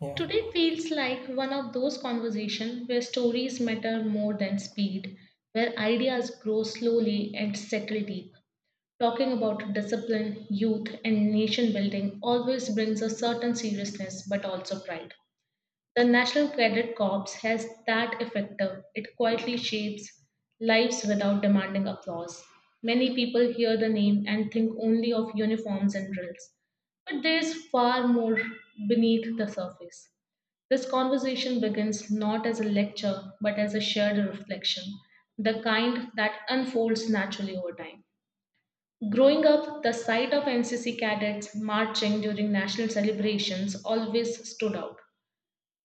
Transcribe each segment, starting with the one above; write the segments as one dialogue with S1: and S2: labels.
S1: Yeah,
S2: Today feels like one of those conversations where stories matter more than speed, where ideas grow slowly and settle deep. Talking about discipline, youth, and nation building always brings a certain seriousness but also pride. The National Cadet Corps has that effect. It quietly shapes lives without demanding applause. Many people hear the name and think only of uniforms and drills, but there is far more beneath the surface. This conversation begins not as a lecture but as a shared reflection, the kind that unfolds naturally over time. Growing up, the sight of NCC cadets marching during national celebrations always stood out.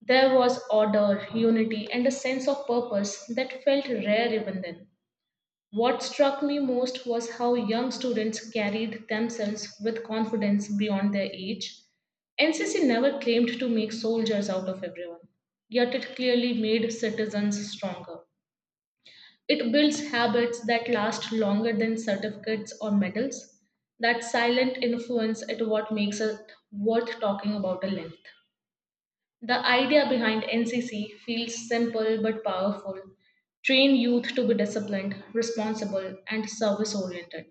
S2: There was order, unity, and a sense of purpose that felt rare even then. What struck me most was how young students carried themselves with confidence beyond their age. NCC never claimed to make soldiers out of everyone, yet it clearly made citizens stronger. It builds habits that last longer than certificates or medals. That silent influence is what makes it worth talking about at length. The idea behind NCC feels simple but powerful. Train youth to be disciplined, responsible, and service oriented.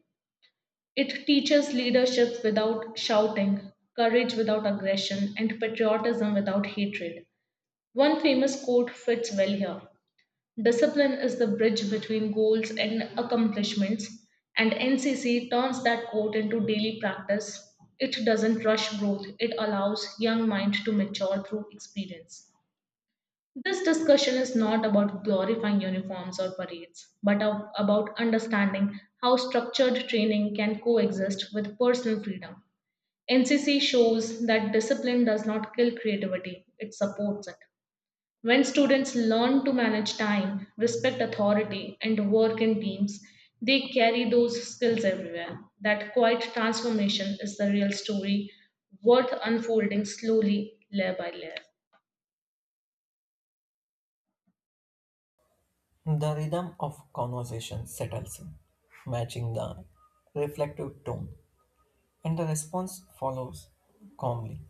S2: It teaches leadership without shouting, courage without aggression, and patriotism without hatred. One famous quote fits well here: discipline is the bridge between goals and accomplishments, and NCC turns that quote into daily practice. It doesn't rush growth, it allows young mind to mature through experience. This discussion is not about glorifying uniforms or parades, but about understanding how structured training can coexist with personal freedom. NCC shows that discipline does not kill creativity, it supports it. When students learn to manage time, respect authority, and work in teams, they carry those skills everywhere. That quiet transformation is the real story worth unfolding slowly, layer by layer.
S1: the rhythm of conversation settles in, matching the reflective tone, and the response follows calmly.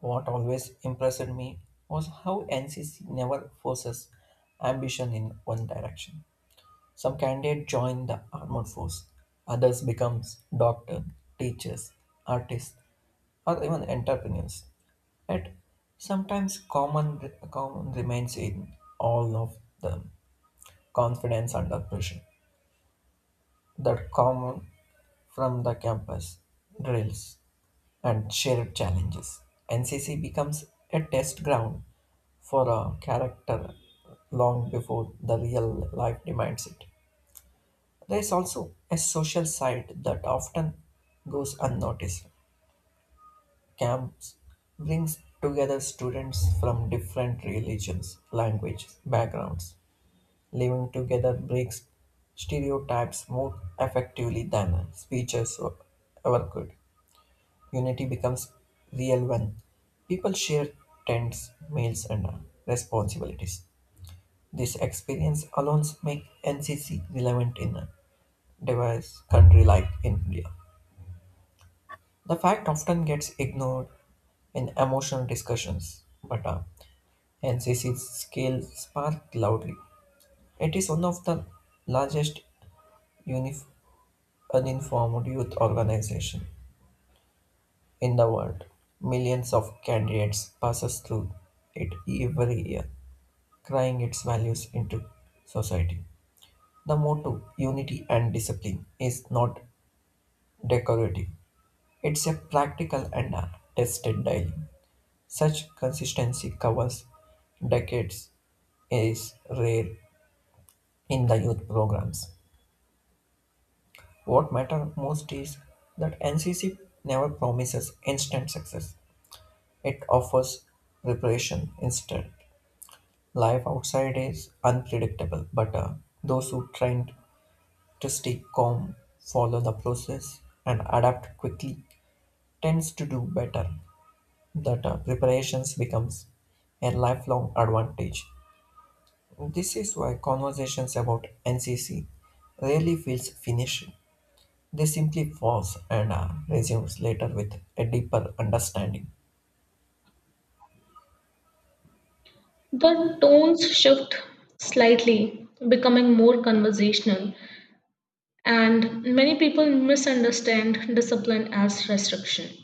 S1: What always impressed me was how NCC never forces ambition in one direction. Some candidates join the armed force, others becomes doctor, teachers, artists, or even entrepreneurs. Yet sometimes common remains in all of them confidence under pressure. That common from the campus, drills, and shared challenges. NCC becomes a test ground for a character long before the real life demands it. There is also a social side that often goes unnoticed. Camps brings together students from different religions, languages, backgrounds. Living together breaks stereotypes more effectively than speeches ever could. Unity becomes real when people share tents, meals, and responsibilities. This experience alone makes NCC relevant in a diverse country like India. The fact often gets ignored in emotional discussions, but NCC's scale sparked loudly. It is one of the largest unif- uninformed youth organization in the world. Millions of candidates passes through it every year, crying its values into society. The motto unity and discipline is not decorative. It's a practical and a tested daily. Such consistency covers decades is rare in the youth programs. What matters most is that NCC never promises instant success. It offers preparation instead. Life outside is unpredictable, but those who try to stay calm, follow the process, and adapt quickly tends to do better. That preparations becomes a lifelong advantage. This is why conversations about NCC rarely feels finished. They simply pause and resumes later with a deeper understanding.
S2: The tones shift slightly, becoming more conversational, and many people misunderstand discipline as restriction.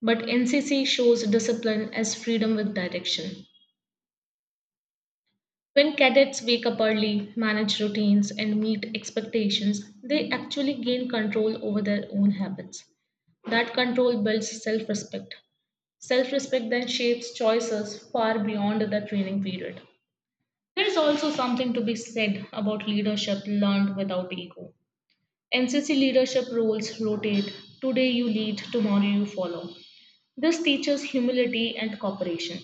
S2: But NCC shows discipline as freedom with direction. When cadets wake up early, manage routines, and meet expectations, they actually gain control over their own habits. That control builds self respect. Self respect then shapes choices far beyond the training period. There is also something to be said about leadership learned without ego. NCC leadership roles rotate. Today you lead, tomorrow you follow. This teaches humility and cooperation.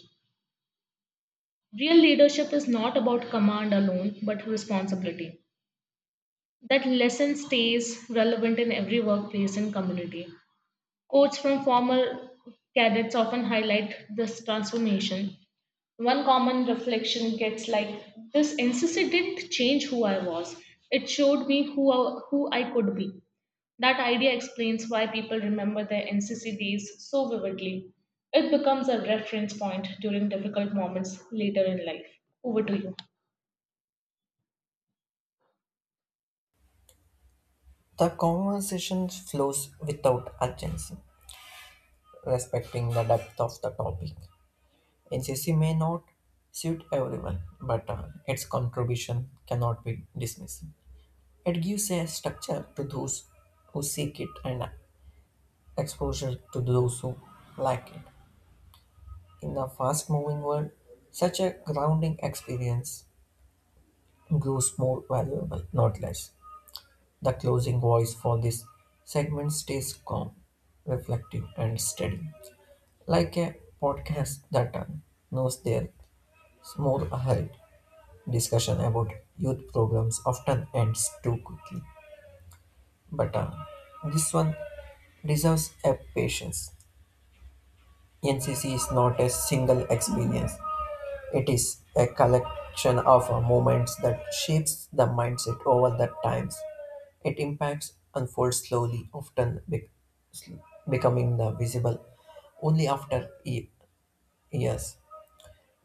S2: Real leadership is not about command alone, but responsibility. That lesson stays relevant in every workplace and community. Quotes from former cadets often highlight this transformation. One common reflection gets like this: NCC didn't change who I was. It showed me who I could be. That idea explains why people remember their NCC days so vividly. It becomes a reference point during difficult moments later in life. Over to you.
S1: The conversation flows without urgency, respecting the depth of the topic. NCC may not suit everyone, but its contribution cannot be dismissed. It gives a structure to those who seek it and exposure to those who lack it. In the fast moving world, such a grounding experience grows more valuable, not less. The closing voice for this segment stays calm, reflective, and steady, like a podcast that knows their small ahead. Discussion about youth programs often ends too quickly, but this one deserves a patience. NCC is not a single experience; it is a collection of moments that shapes the mindset over the times. It impacts unfolds slowly, often becoming the visible only after years.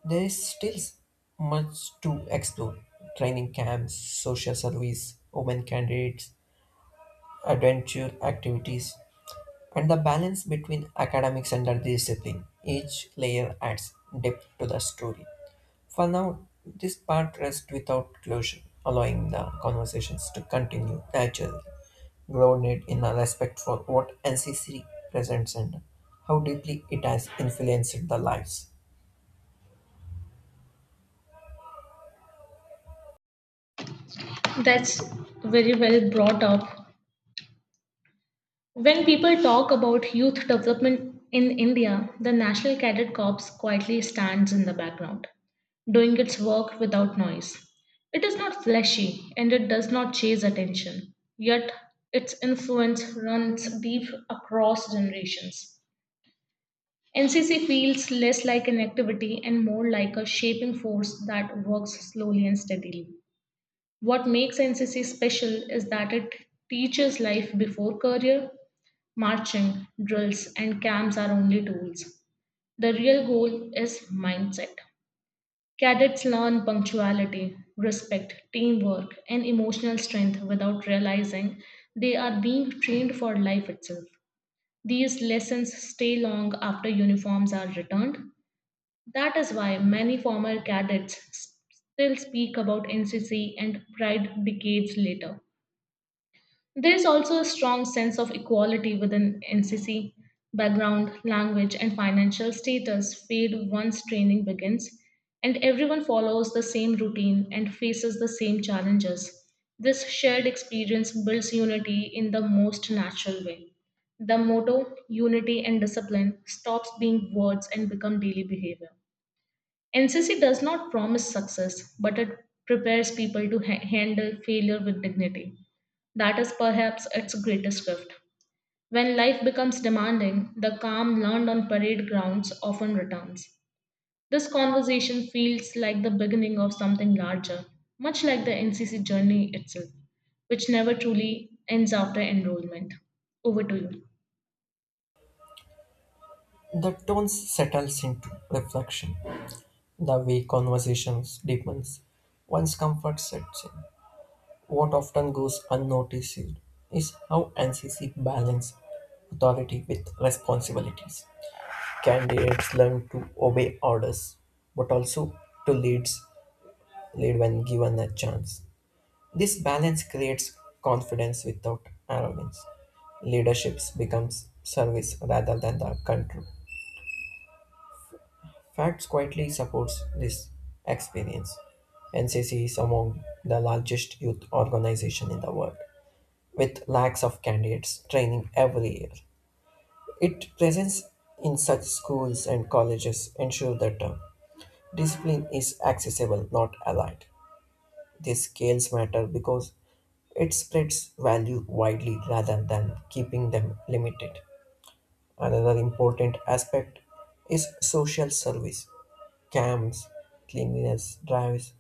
S1: There is still much to explore training camps, social service, women candidates, adventure activities, and the balance between academics and the discipline. Each layer adds depth to the story. For now, this part rests without closure, allowing the conversations to continue naturally, grounded in a respect for what NCC presents and how deeply it has influenced the lives.
S2: That's very well brought up. When people talk about youth development in India, the National Cadet Corps quietly stands in the background, doing its work without noise. It is not flashy and it does not chase attention, yet its influence runs deep across generations. NCC feels less like an activity and more like a shaping force that works slowly and steadily. What makes NCC special is that it teaches life before career. Marching, drills, and camps are only tools. The real goal is mindset. Cadets learn punctuality, respect, teamwork, and emotional strength without realizing they are being trained for life itself. These lessons stay long after uniforms are returned. That is why many former still speak about NCC and pride decades later. There is also a strong sense of equality within NCC. Background, language, and financial status fade once training begins, and everyone follows the same routine and faces the same challenges. This shared experience builds unity in the most natural way. The motto, unity and discipline, stops being words and become daily behavior. NCC does not promise success, but it prepares people to handle failure with dignity. That is perhaps its greatest gift. When life becomes demanding, the calm learned on parade grounds often returns. This conversation feels like the beginning of something larger, much like the NCC journey itself, which never truly ends after enrollment. Over to you.
S1: The tone settles into reflection. The way conversations deepens, once comfort sets in, what often goes unnoticed is how NCC balances authority with responsibilities. Candidates learn to obey orders, but also to leads, lead when given a chance. This balance creates confidence without arrogance. Leadership becomes service rather than the control. Facts quietly supports this experience. NCC is among the largest youth organization in the world, with lakhs of candidates training every year. Its presence in such schools and colleges ensure that discipline is accessible, not allied. These scales matter because it spreads value widely rather than keeping them limited. Another important aspect is social service. Camps, cleanliness drives,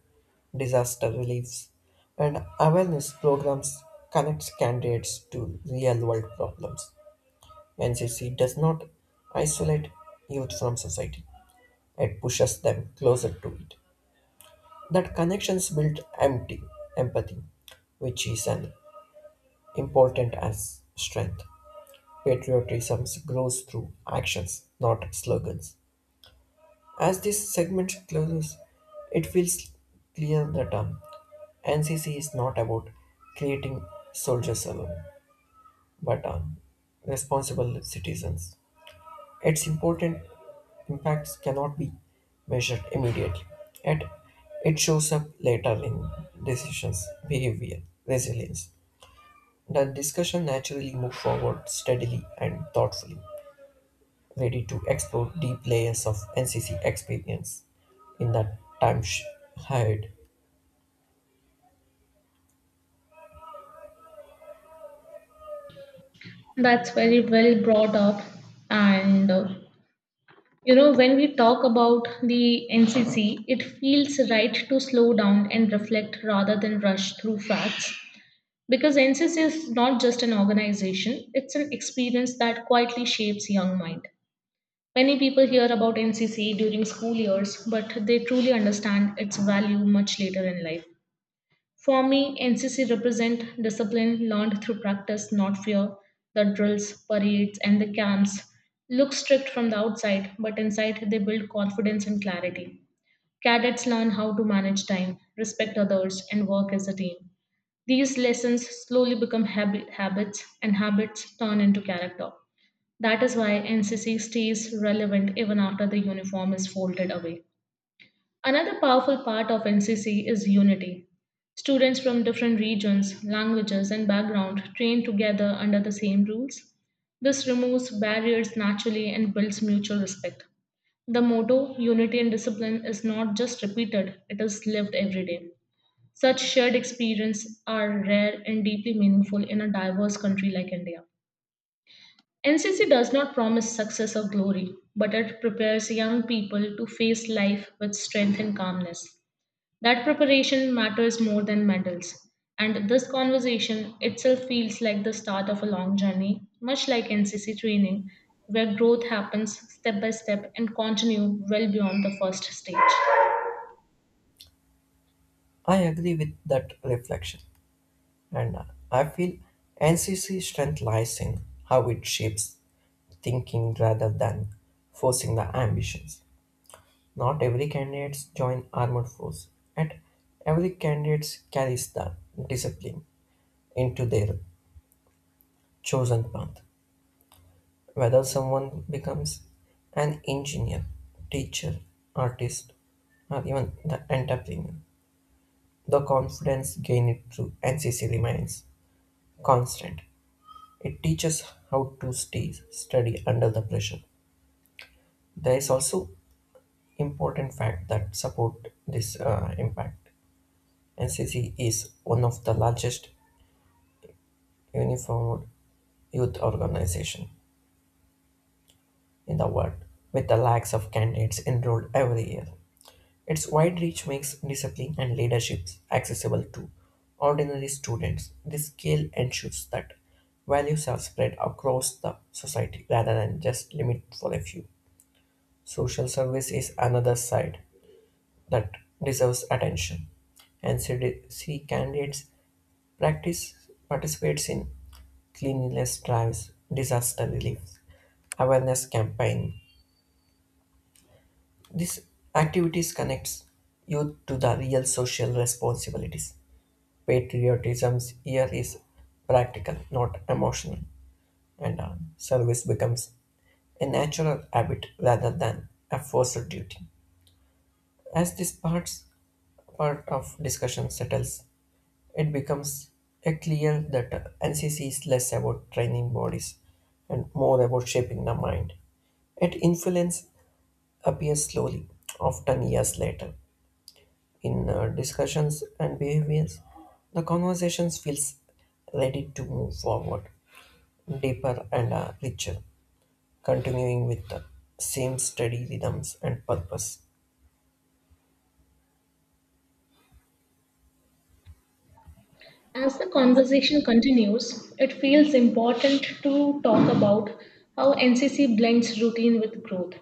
S1: disaster reliefs, and awareness programs connects candidates to real-world problems. NCC does not isolate youth from society. It pushes them closer to it. That connections build empty empathy, which is an important as strength. Patriotism grows through actions, not slogans. As this segment closes, it feels clear that NCC is not about creating soldiers alone, but responsible citizens. Its important impacts cannot be measured immediately, yet it shows up later in decisions, behavior, resilience. The discussion naturally moves forward steadily and thoughtfully, ready to explore deep layers of NCC experience in that ahead.
S2: That's very well brought up, and when we talk about the NCC, it feels right to slow down and reflect rather than rush through facts. Because NCC is not just an organization, it's an experience that quietly shapes young mind. Many people hear about NCC during school years, but they truly understand its value much later in life. For me, NCC represent discipline learned through practice, not fear. The drills, parades, and the camps look strict from the outside, but inside they build confidence and clarity. Cadets learn how to manage time, respect others, and work as a team. These lessons slowly become habits, and habits turn into character. That is why NCC stays relevant even after the uniform is folded away. Another powerful part of NCC is unity. Students from different regions, languages, and background train together under the same rules. This removes barriers naturally and builds mutual respect. The motto, unity and discipline, is not just repeated, it is lived every day. Such shared experiences are rare and deeply meaningful in a diverse country like India. NCC does not promise success or glory, but it prepares young people to face life with strength and calmness. That preparation matters more than medals. And this conversation itself feels like the start of a long journey, much like NCC training, where growth happens step by step and continue well beyond the first stage.
S1: I agree with that reflection. And I feel NCC strength lies in how it shapes thinking rather than forcing the ambitions. Not every candidate join armed force, and every candidate carries the discipline into their chosen path. Whether someone becomes an engineer, teacher, artist, or even the entrepreneur, the confidence gained through NCC remains constant. It teaches how to stay steady under the pressure. There is also important fact that support this impact. NCC is one of the largest uniformed youth organization in the world, with the lakhs of candidates enrolled every year. Its wide reach makes discipline and leadership accessible to ordinary students. This scale ensures that values are spread across the society rather than just limit for a few. Social service is another side that deserves attention. NCDC candidates practice participates in cleanliness drives, disaster relief, awareness campaign. These activities connects youth to the real social responsibilities. Patriotism here is practical, not emotional, and service becomes a natural habit rather than a forced duty. As this part of discussion settles, it becomes a clear that NCC is less about training bodies and more about shaping the mind. Its influence appears slowly, often years later. In discussions and behaviors, the conversations feels ready to move forward, deeper and richer, continuing with the same steady rhythms and purpose.
S2: As the conversation continues, it feels important to talk about how NCC blends routine with growth.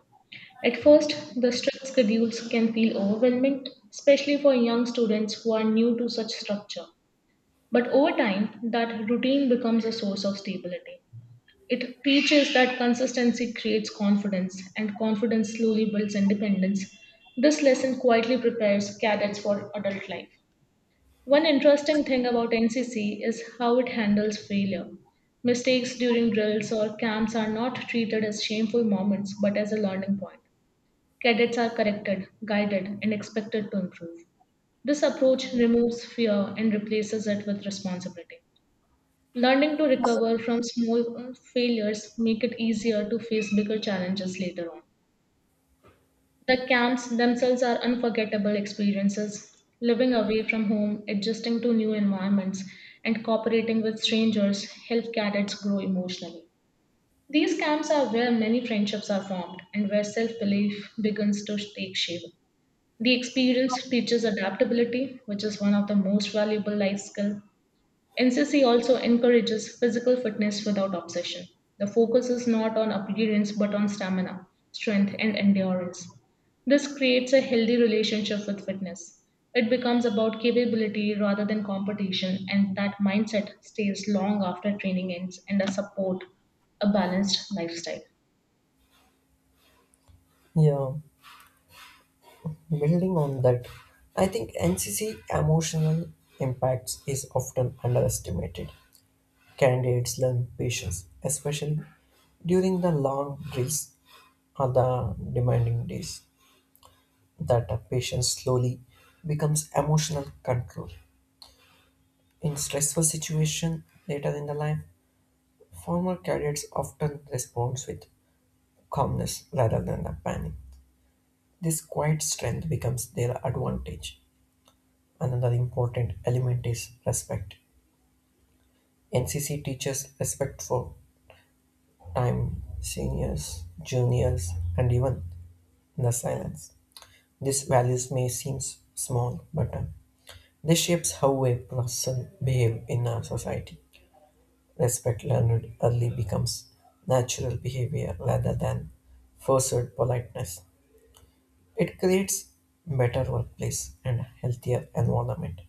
S2: At first, the strict schedules can feel overwhelming, especially for young students who are new to such structure. But over time, that routine becomes a source of stability. It teaches that consistency creates confidence, and confidence slowly builds independence. This lesson quietly prepares cadets for adult life. One interesting thing about NCC is how it handles failure. Mistakes during drills or camps are not treated as shameful moments but as a learning point. Cadets are corrected, guided, and expected to improve. This approach removes fear and replaces it with responsibility. Learning to recover from small failures make it easier to face bigger challenges later on. The camps themselves are unforgettable experiences. Living away from home, adjusting to new environments, and cooperating with strangers help cadets grow emotionally. These camps are where many friendships are formed and where self belief begins to take shape. The experience teaches adaptability, which is one of the most valuable life skills. NCC also encourages physical fitness without obsession. The focus is not on appearance but on stamina, strength, and endurance. This creates a healthy relationship with fitness. It becomes about capability rather than competition, and that mindset stays long after training ends and a support a balanced lifestyle.
S1: Yeah, building on that, I think NCC emotional impacts is often underestimated. Candidates learn patience, especially during the long days or the demanding days, that a patience slowly becomes emotional control. In stressful situation later in the life, former cadets often respond with calmness rather than the panic. This quiet strength becomes their advantage. Another important element is respect. NCC teaches respect for time, seniors, juniors, and even the silence. These values may seem small, but they shapes how a person behave in our society. Respect learned early becomes natural behavior rather than forced politeness. It creates better workplace and healthier environment.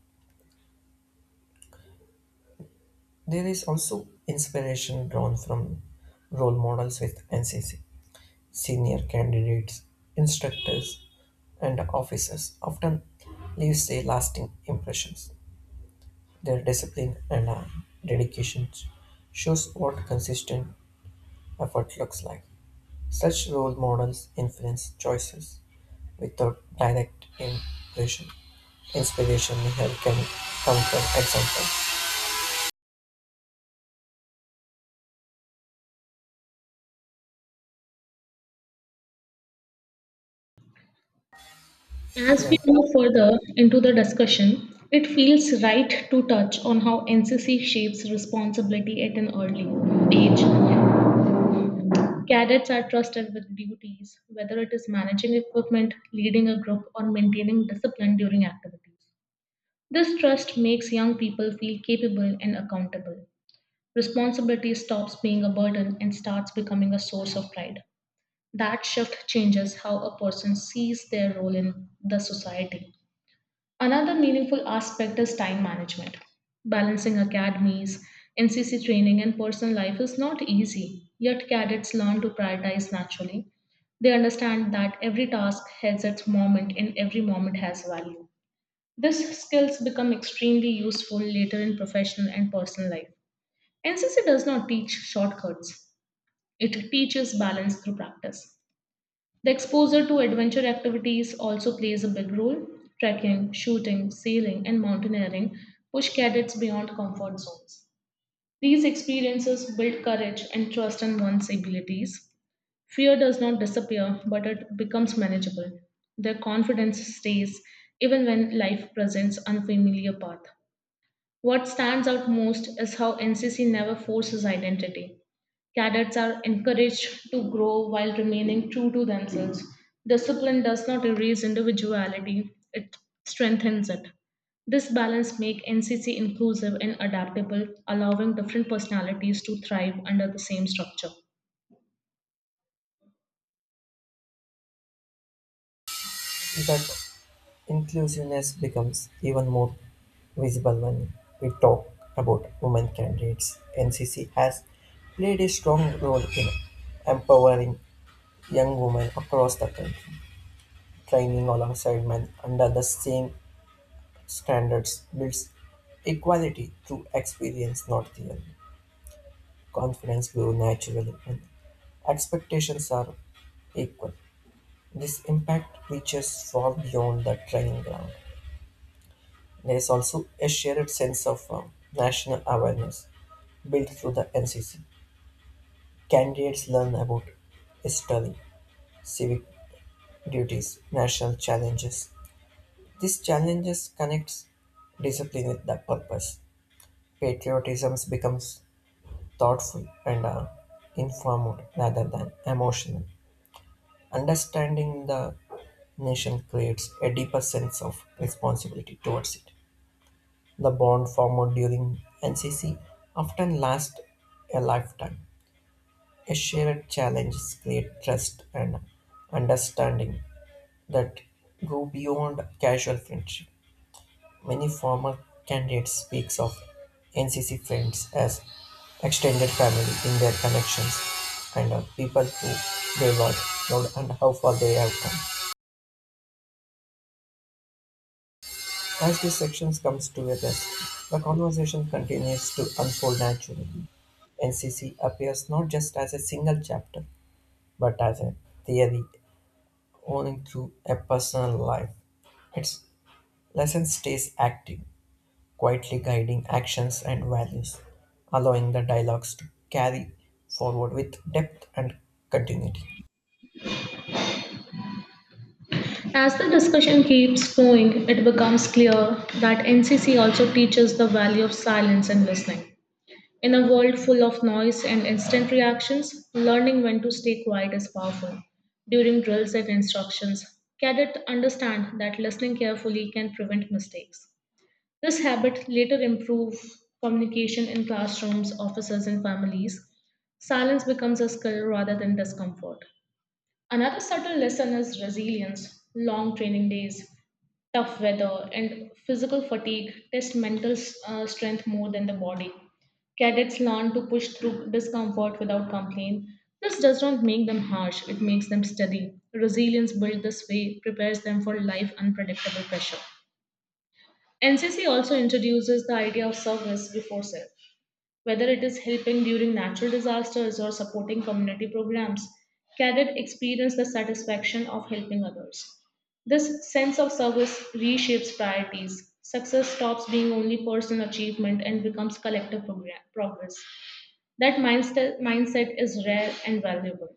S1: There is also inspiration drawn from role models with NCC. Senior candidates, instructors, and officers often leave a lasting impressions. Their discipline and dedication shows what consistent effort looks like. Such role models influence choices without direct impression. Inspiration here can come from example.
S2: As
S1: Yeah,
S2: we move further into the discussion, it feels right to touch on how NCC shapes responsibility at an early age. Cadets are trusted with duties, whether it is managing equipment, leading a group, or maintaining discipline during activities. This trust makes young people feel capable and accountable. Responsibility stops being a burden and starts becoming a source of pride. That shift changes how a person sees their role in the society. Another meaningful aspect is time management. Balancing academies, NCC training, and personal life is not easy, yet cadets learn to prioritize naturally. They understand that every task has its moment and every moment has value. These skills become extremely useful later in professional and personal life. NCC does not teach shortcuts, it teaches balance through practice. The exposure to adventure activities also plays a big role. Trekking, shooting, sailing, and mountaineering push cadets beyond comfort zones. These experiences build courage and trust in one's abilities. Fear does not disappear, but it becomes manageable. Their confidence stays even when life presents unfamiliar path. What stands out most is how NCC never forces identity. Cadets are encouraged to grow while remaining true to themselves. Discipline does not erase individuality, it strengthens it. This balance makes NCC inclusive and adaptable, allowing different personalities to thrive under the same structure.
S1: that inclusiveness becomes even more visible when we talk about women candidates. NCC has played a strong role in empowering young women across the country. Training alongside men under the same standards builds equality through experience, not theory. Confidence grows naturally when expectations are equal. This impact reaches far beyond the training ground. There is also a shared sense of national awareness built through the NCC. Candidates learn about history, civic duties, national challenges. These challenges connects discipline with the purpose. Patriotism becomes thoughtful and informed rather than emotional. Understanding the nation creates a deeper sense of responsibility towards it. The bond formed during NCC often lasts a lifetime. A shared challenge creates trust and understanding that go beyond casual friendship. Many former candidates speaks of NCC friends as extended family in their connections and people who they work with and how far they have come. As these sections comes together, the conversation continues to unfold naturally. NCC appears not just as a single chapter, but as a theory owning to a personal life. Its lesson stays active, quietly guiding actions and values, allowing the dialogues to carry forward with depth and continuity.
S2: As the discussion keeps going, it becomes clear that NCC also teaches the value of silence and listening. In a world full of noise and instant reactions, learning when to stay quiet is powerful. During drills and instructions, cadets understand that listening carefully can prevent mistakes. This habit later improves communication in classrooms, offices, and families. Silence becomes a skill rather than discomfort. Another subtle lesson is resilience. Long training days, tough weather, and physical fatigue test mental strength more than the body. Cadets learn to push through discomfort without complaint. This does not make them harsh, it makes them steady. Resilience built this way prepares them for life unpredictable pressure. NCC also introduces the idea of service before self, whether it is helping during natural disasters or supporting community programs, cadet experience the satisfaction of helping others. This sense of service reshapes priorities. Success stops being only personal achievement and becomes collective progress. That mindset is rare and valuable.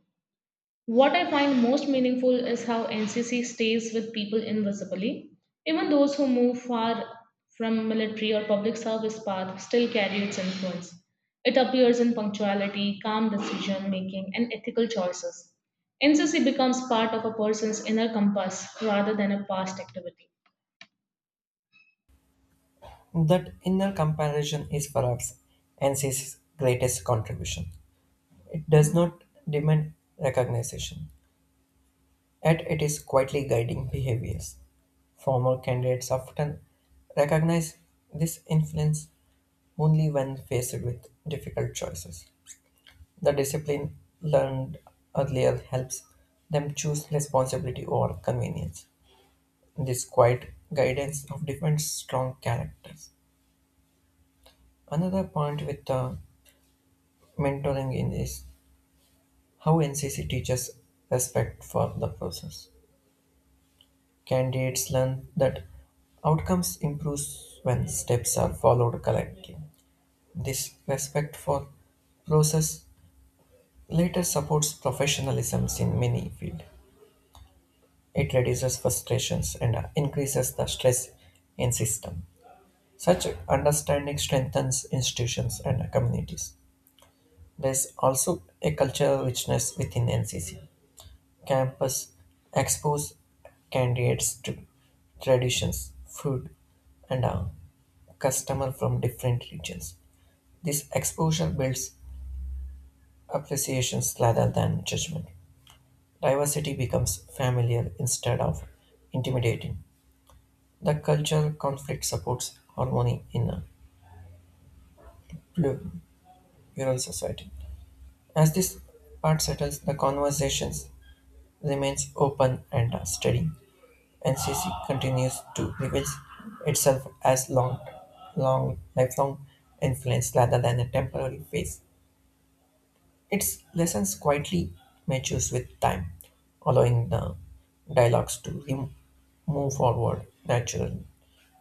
S2: What I find most meaningful is how NCC stays with people invisibly. Even those who move far from military or public service path still carry its influence. It appears in punctuality, calm decision making, and ethical choices. NCC becomes part of a person's inner compass rather than a past activity.
S1: That inner comparison is perhaps NCC's greatest contribution. It does not demand recognition, yet it is quietly guiding behaviors. Former candidates often recognize this influence only when faced with difficult choices. The discipline learned earlier helps them choose responsibility over convenience. This quiet guidance of different strong characters. Another point with the mentoring in is how NCC teaches respect for the process. Candidates learn that outcomes improve when steps are followed correctly. This respect for process later supports professionalism in many fields. It reduces frustrations and increases the stress in system. Such understanding strengthens institutions and communities. There's also a cultural richness within NCC. Campus expose candidates to traditions, food, and customer from different regions. This exposure builds appreciations rather than judgment. Diversity becomes familiar instead of intimidating. The cultural conflict supports harmony in a plu- plural society. As this part settles, the conversations remains open and steady. NCC continues to reveal itself as lifelong influence rather than a temporary phase. Its lessons quietly matures with time, allowing the dialogues to move forward naturally,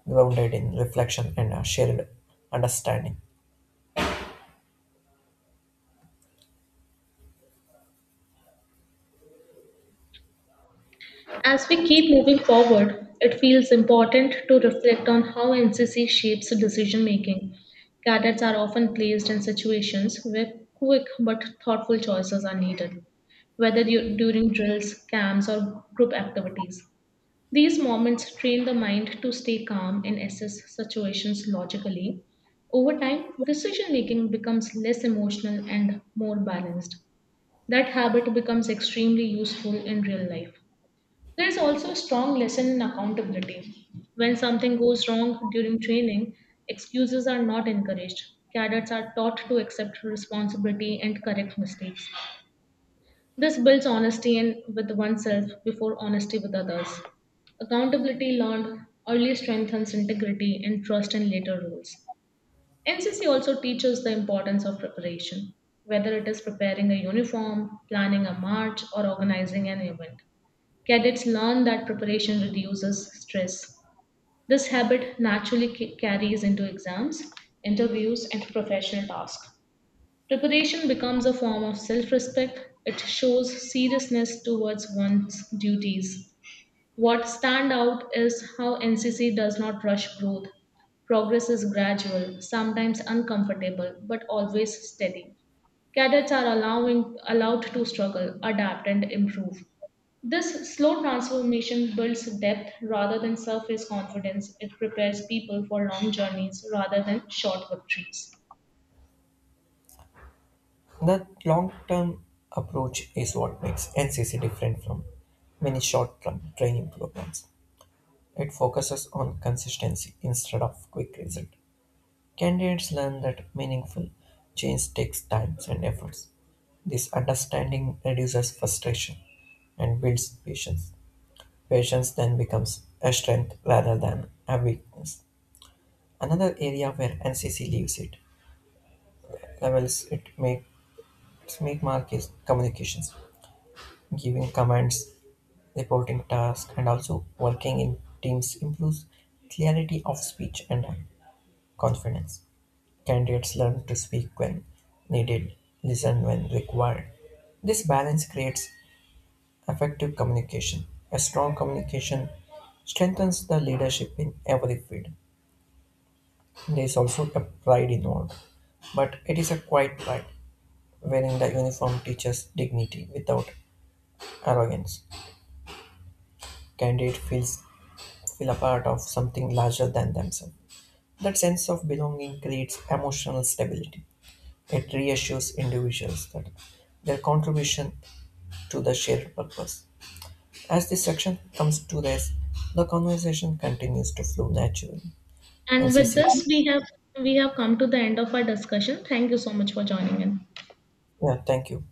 S1: grounded in reflection and a shared understanding.
S2: As we keep moving forward, it feels important to reflect on how NCC shapes decision making. Cadets are often placed in situations where quick but thoughtful choices are needed, whether during drills, camps, or group activities. These moments train the mind to stay calm and assess situations logically. Over time, decision making becomes less emotional and more balanced. That habit becomes extremely useful in real life. There is also a strong lesson in accountability. When something goes wrong during training, excuses are not encouraged. Cadets are taught to accept responsibility and correct mistakes. This builds honesty in, with oneself before honesty with others. Accountability learned early strengthens integrity and trust in later roles. NCC also teaches the importance of preparation, whether it is preparing a uniform, planning a march, or organizing an event. Cadets learn that preparation reduces stress. This habit naturally carries into exams, interviews, and professional tasks. Preparation becomes a form of self respect, it shows seriousness towards one's duties. What stand out is how NCC does not rush growth. Progress is gradual, sometimes uncomfortable, but always steady. Cadets are allowed to struggle, adapt, and improve. This slow transformation builds depth rather than surface confidence. It prepares people for long journeys rather than short victories.
S1: That long-term approach is what makes NCC different from many short-term training programs. It focuses on consistency instead of quick result. Candidates learn that meaningful change takes time and efforts. This understanding reduces frustration and builds patience. Patience then becomes a strength rather than a weakness. Another area where NCC leaves it levels it makes make mark is communications. Giving commands reporting tasks, and also working in teams improves clarity of speech and confidence. Candidates learn to speak when needed, listen when required. This balance creates effective communication. A strong communication strengthens the leadership in every field. There is also a pride involved, but it is a quiet pride. Wearing the uniform teaches dignity without arrogance. Candidate feel a part of something larger than themselves. That sense of belonging creates emotional stability. It reassures individuals that their contribution to the shared purpose. As this section comes to this, the conversation continues to flow naturally.
S2: And with
S1: NCC.
S2: this, we have come to the end of our discussion. Thank you so much for joining in.
S1: Yeah, thank you.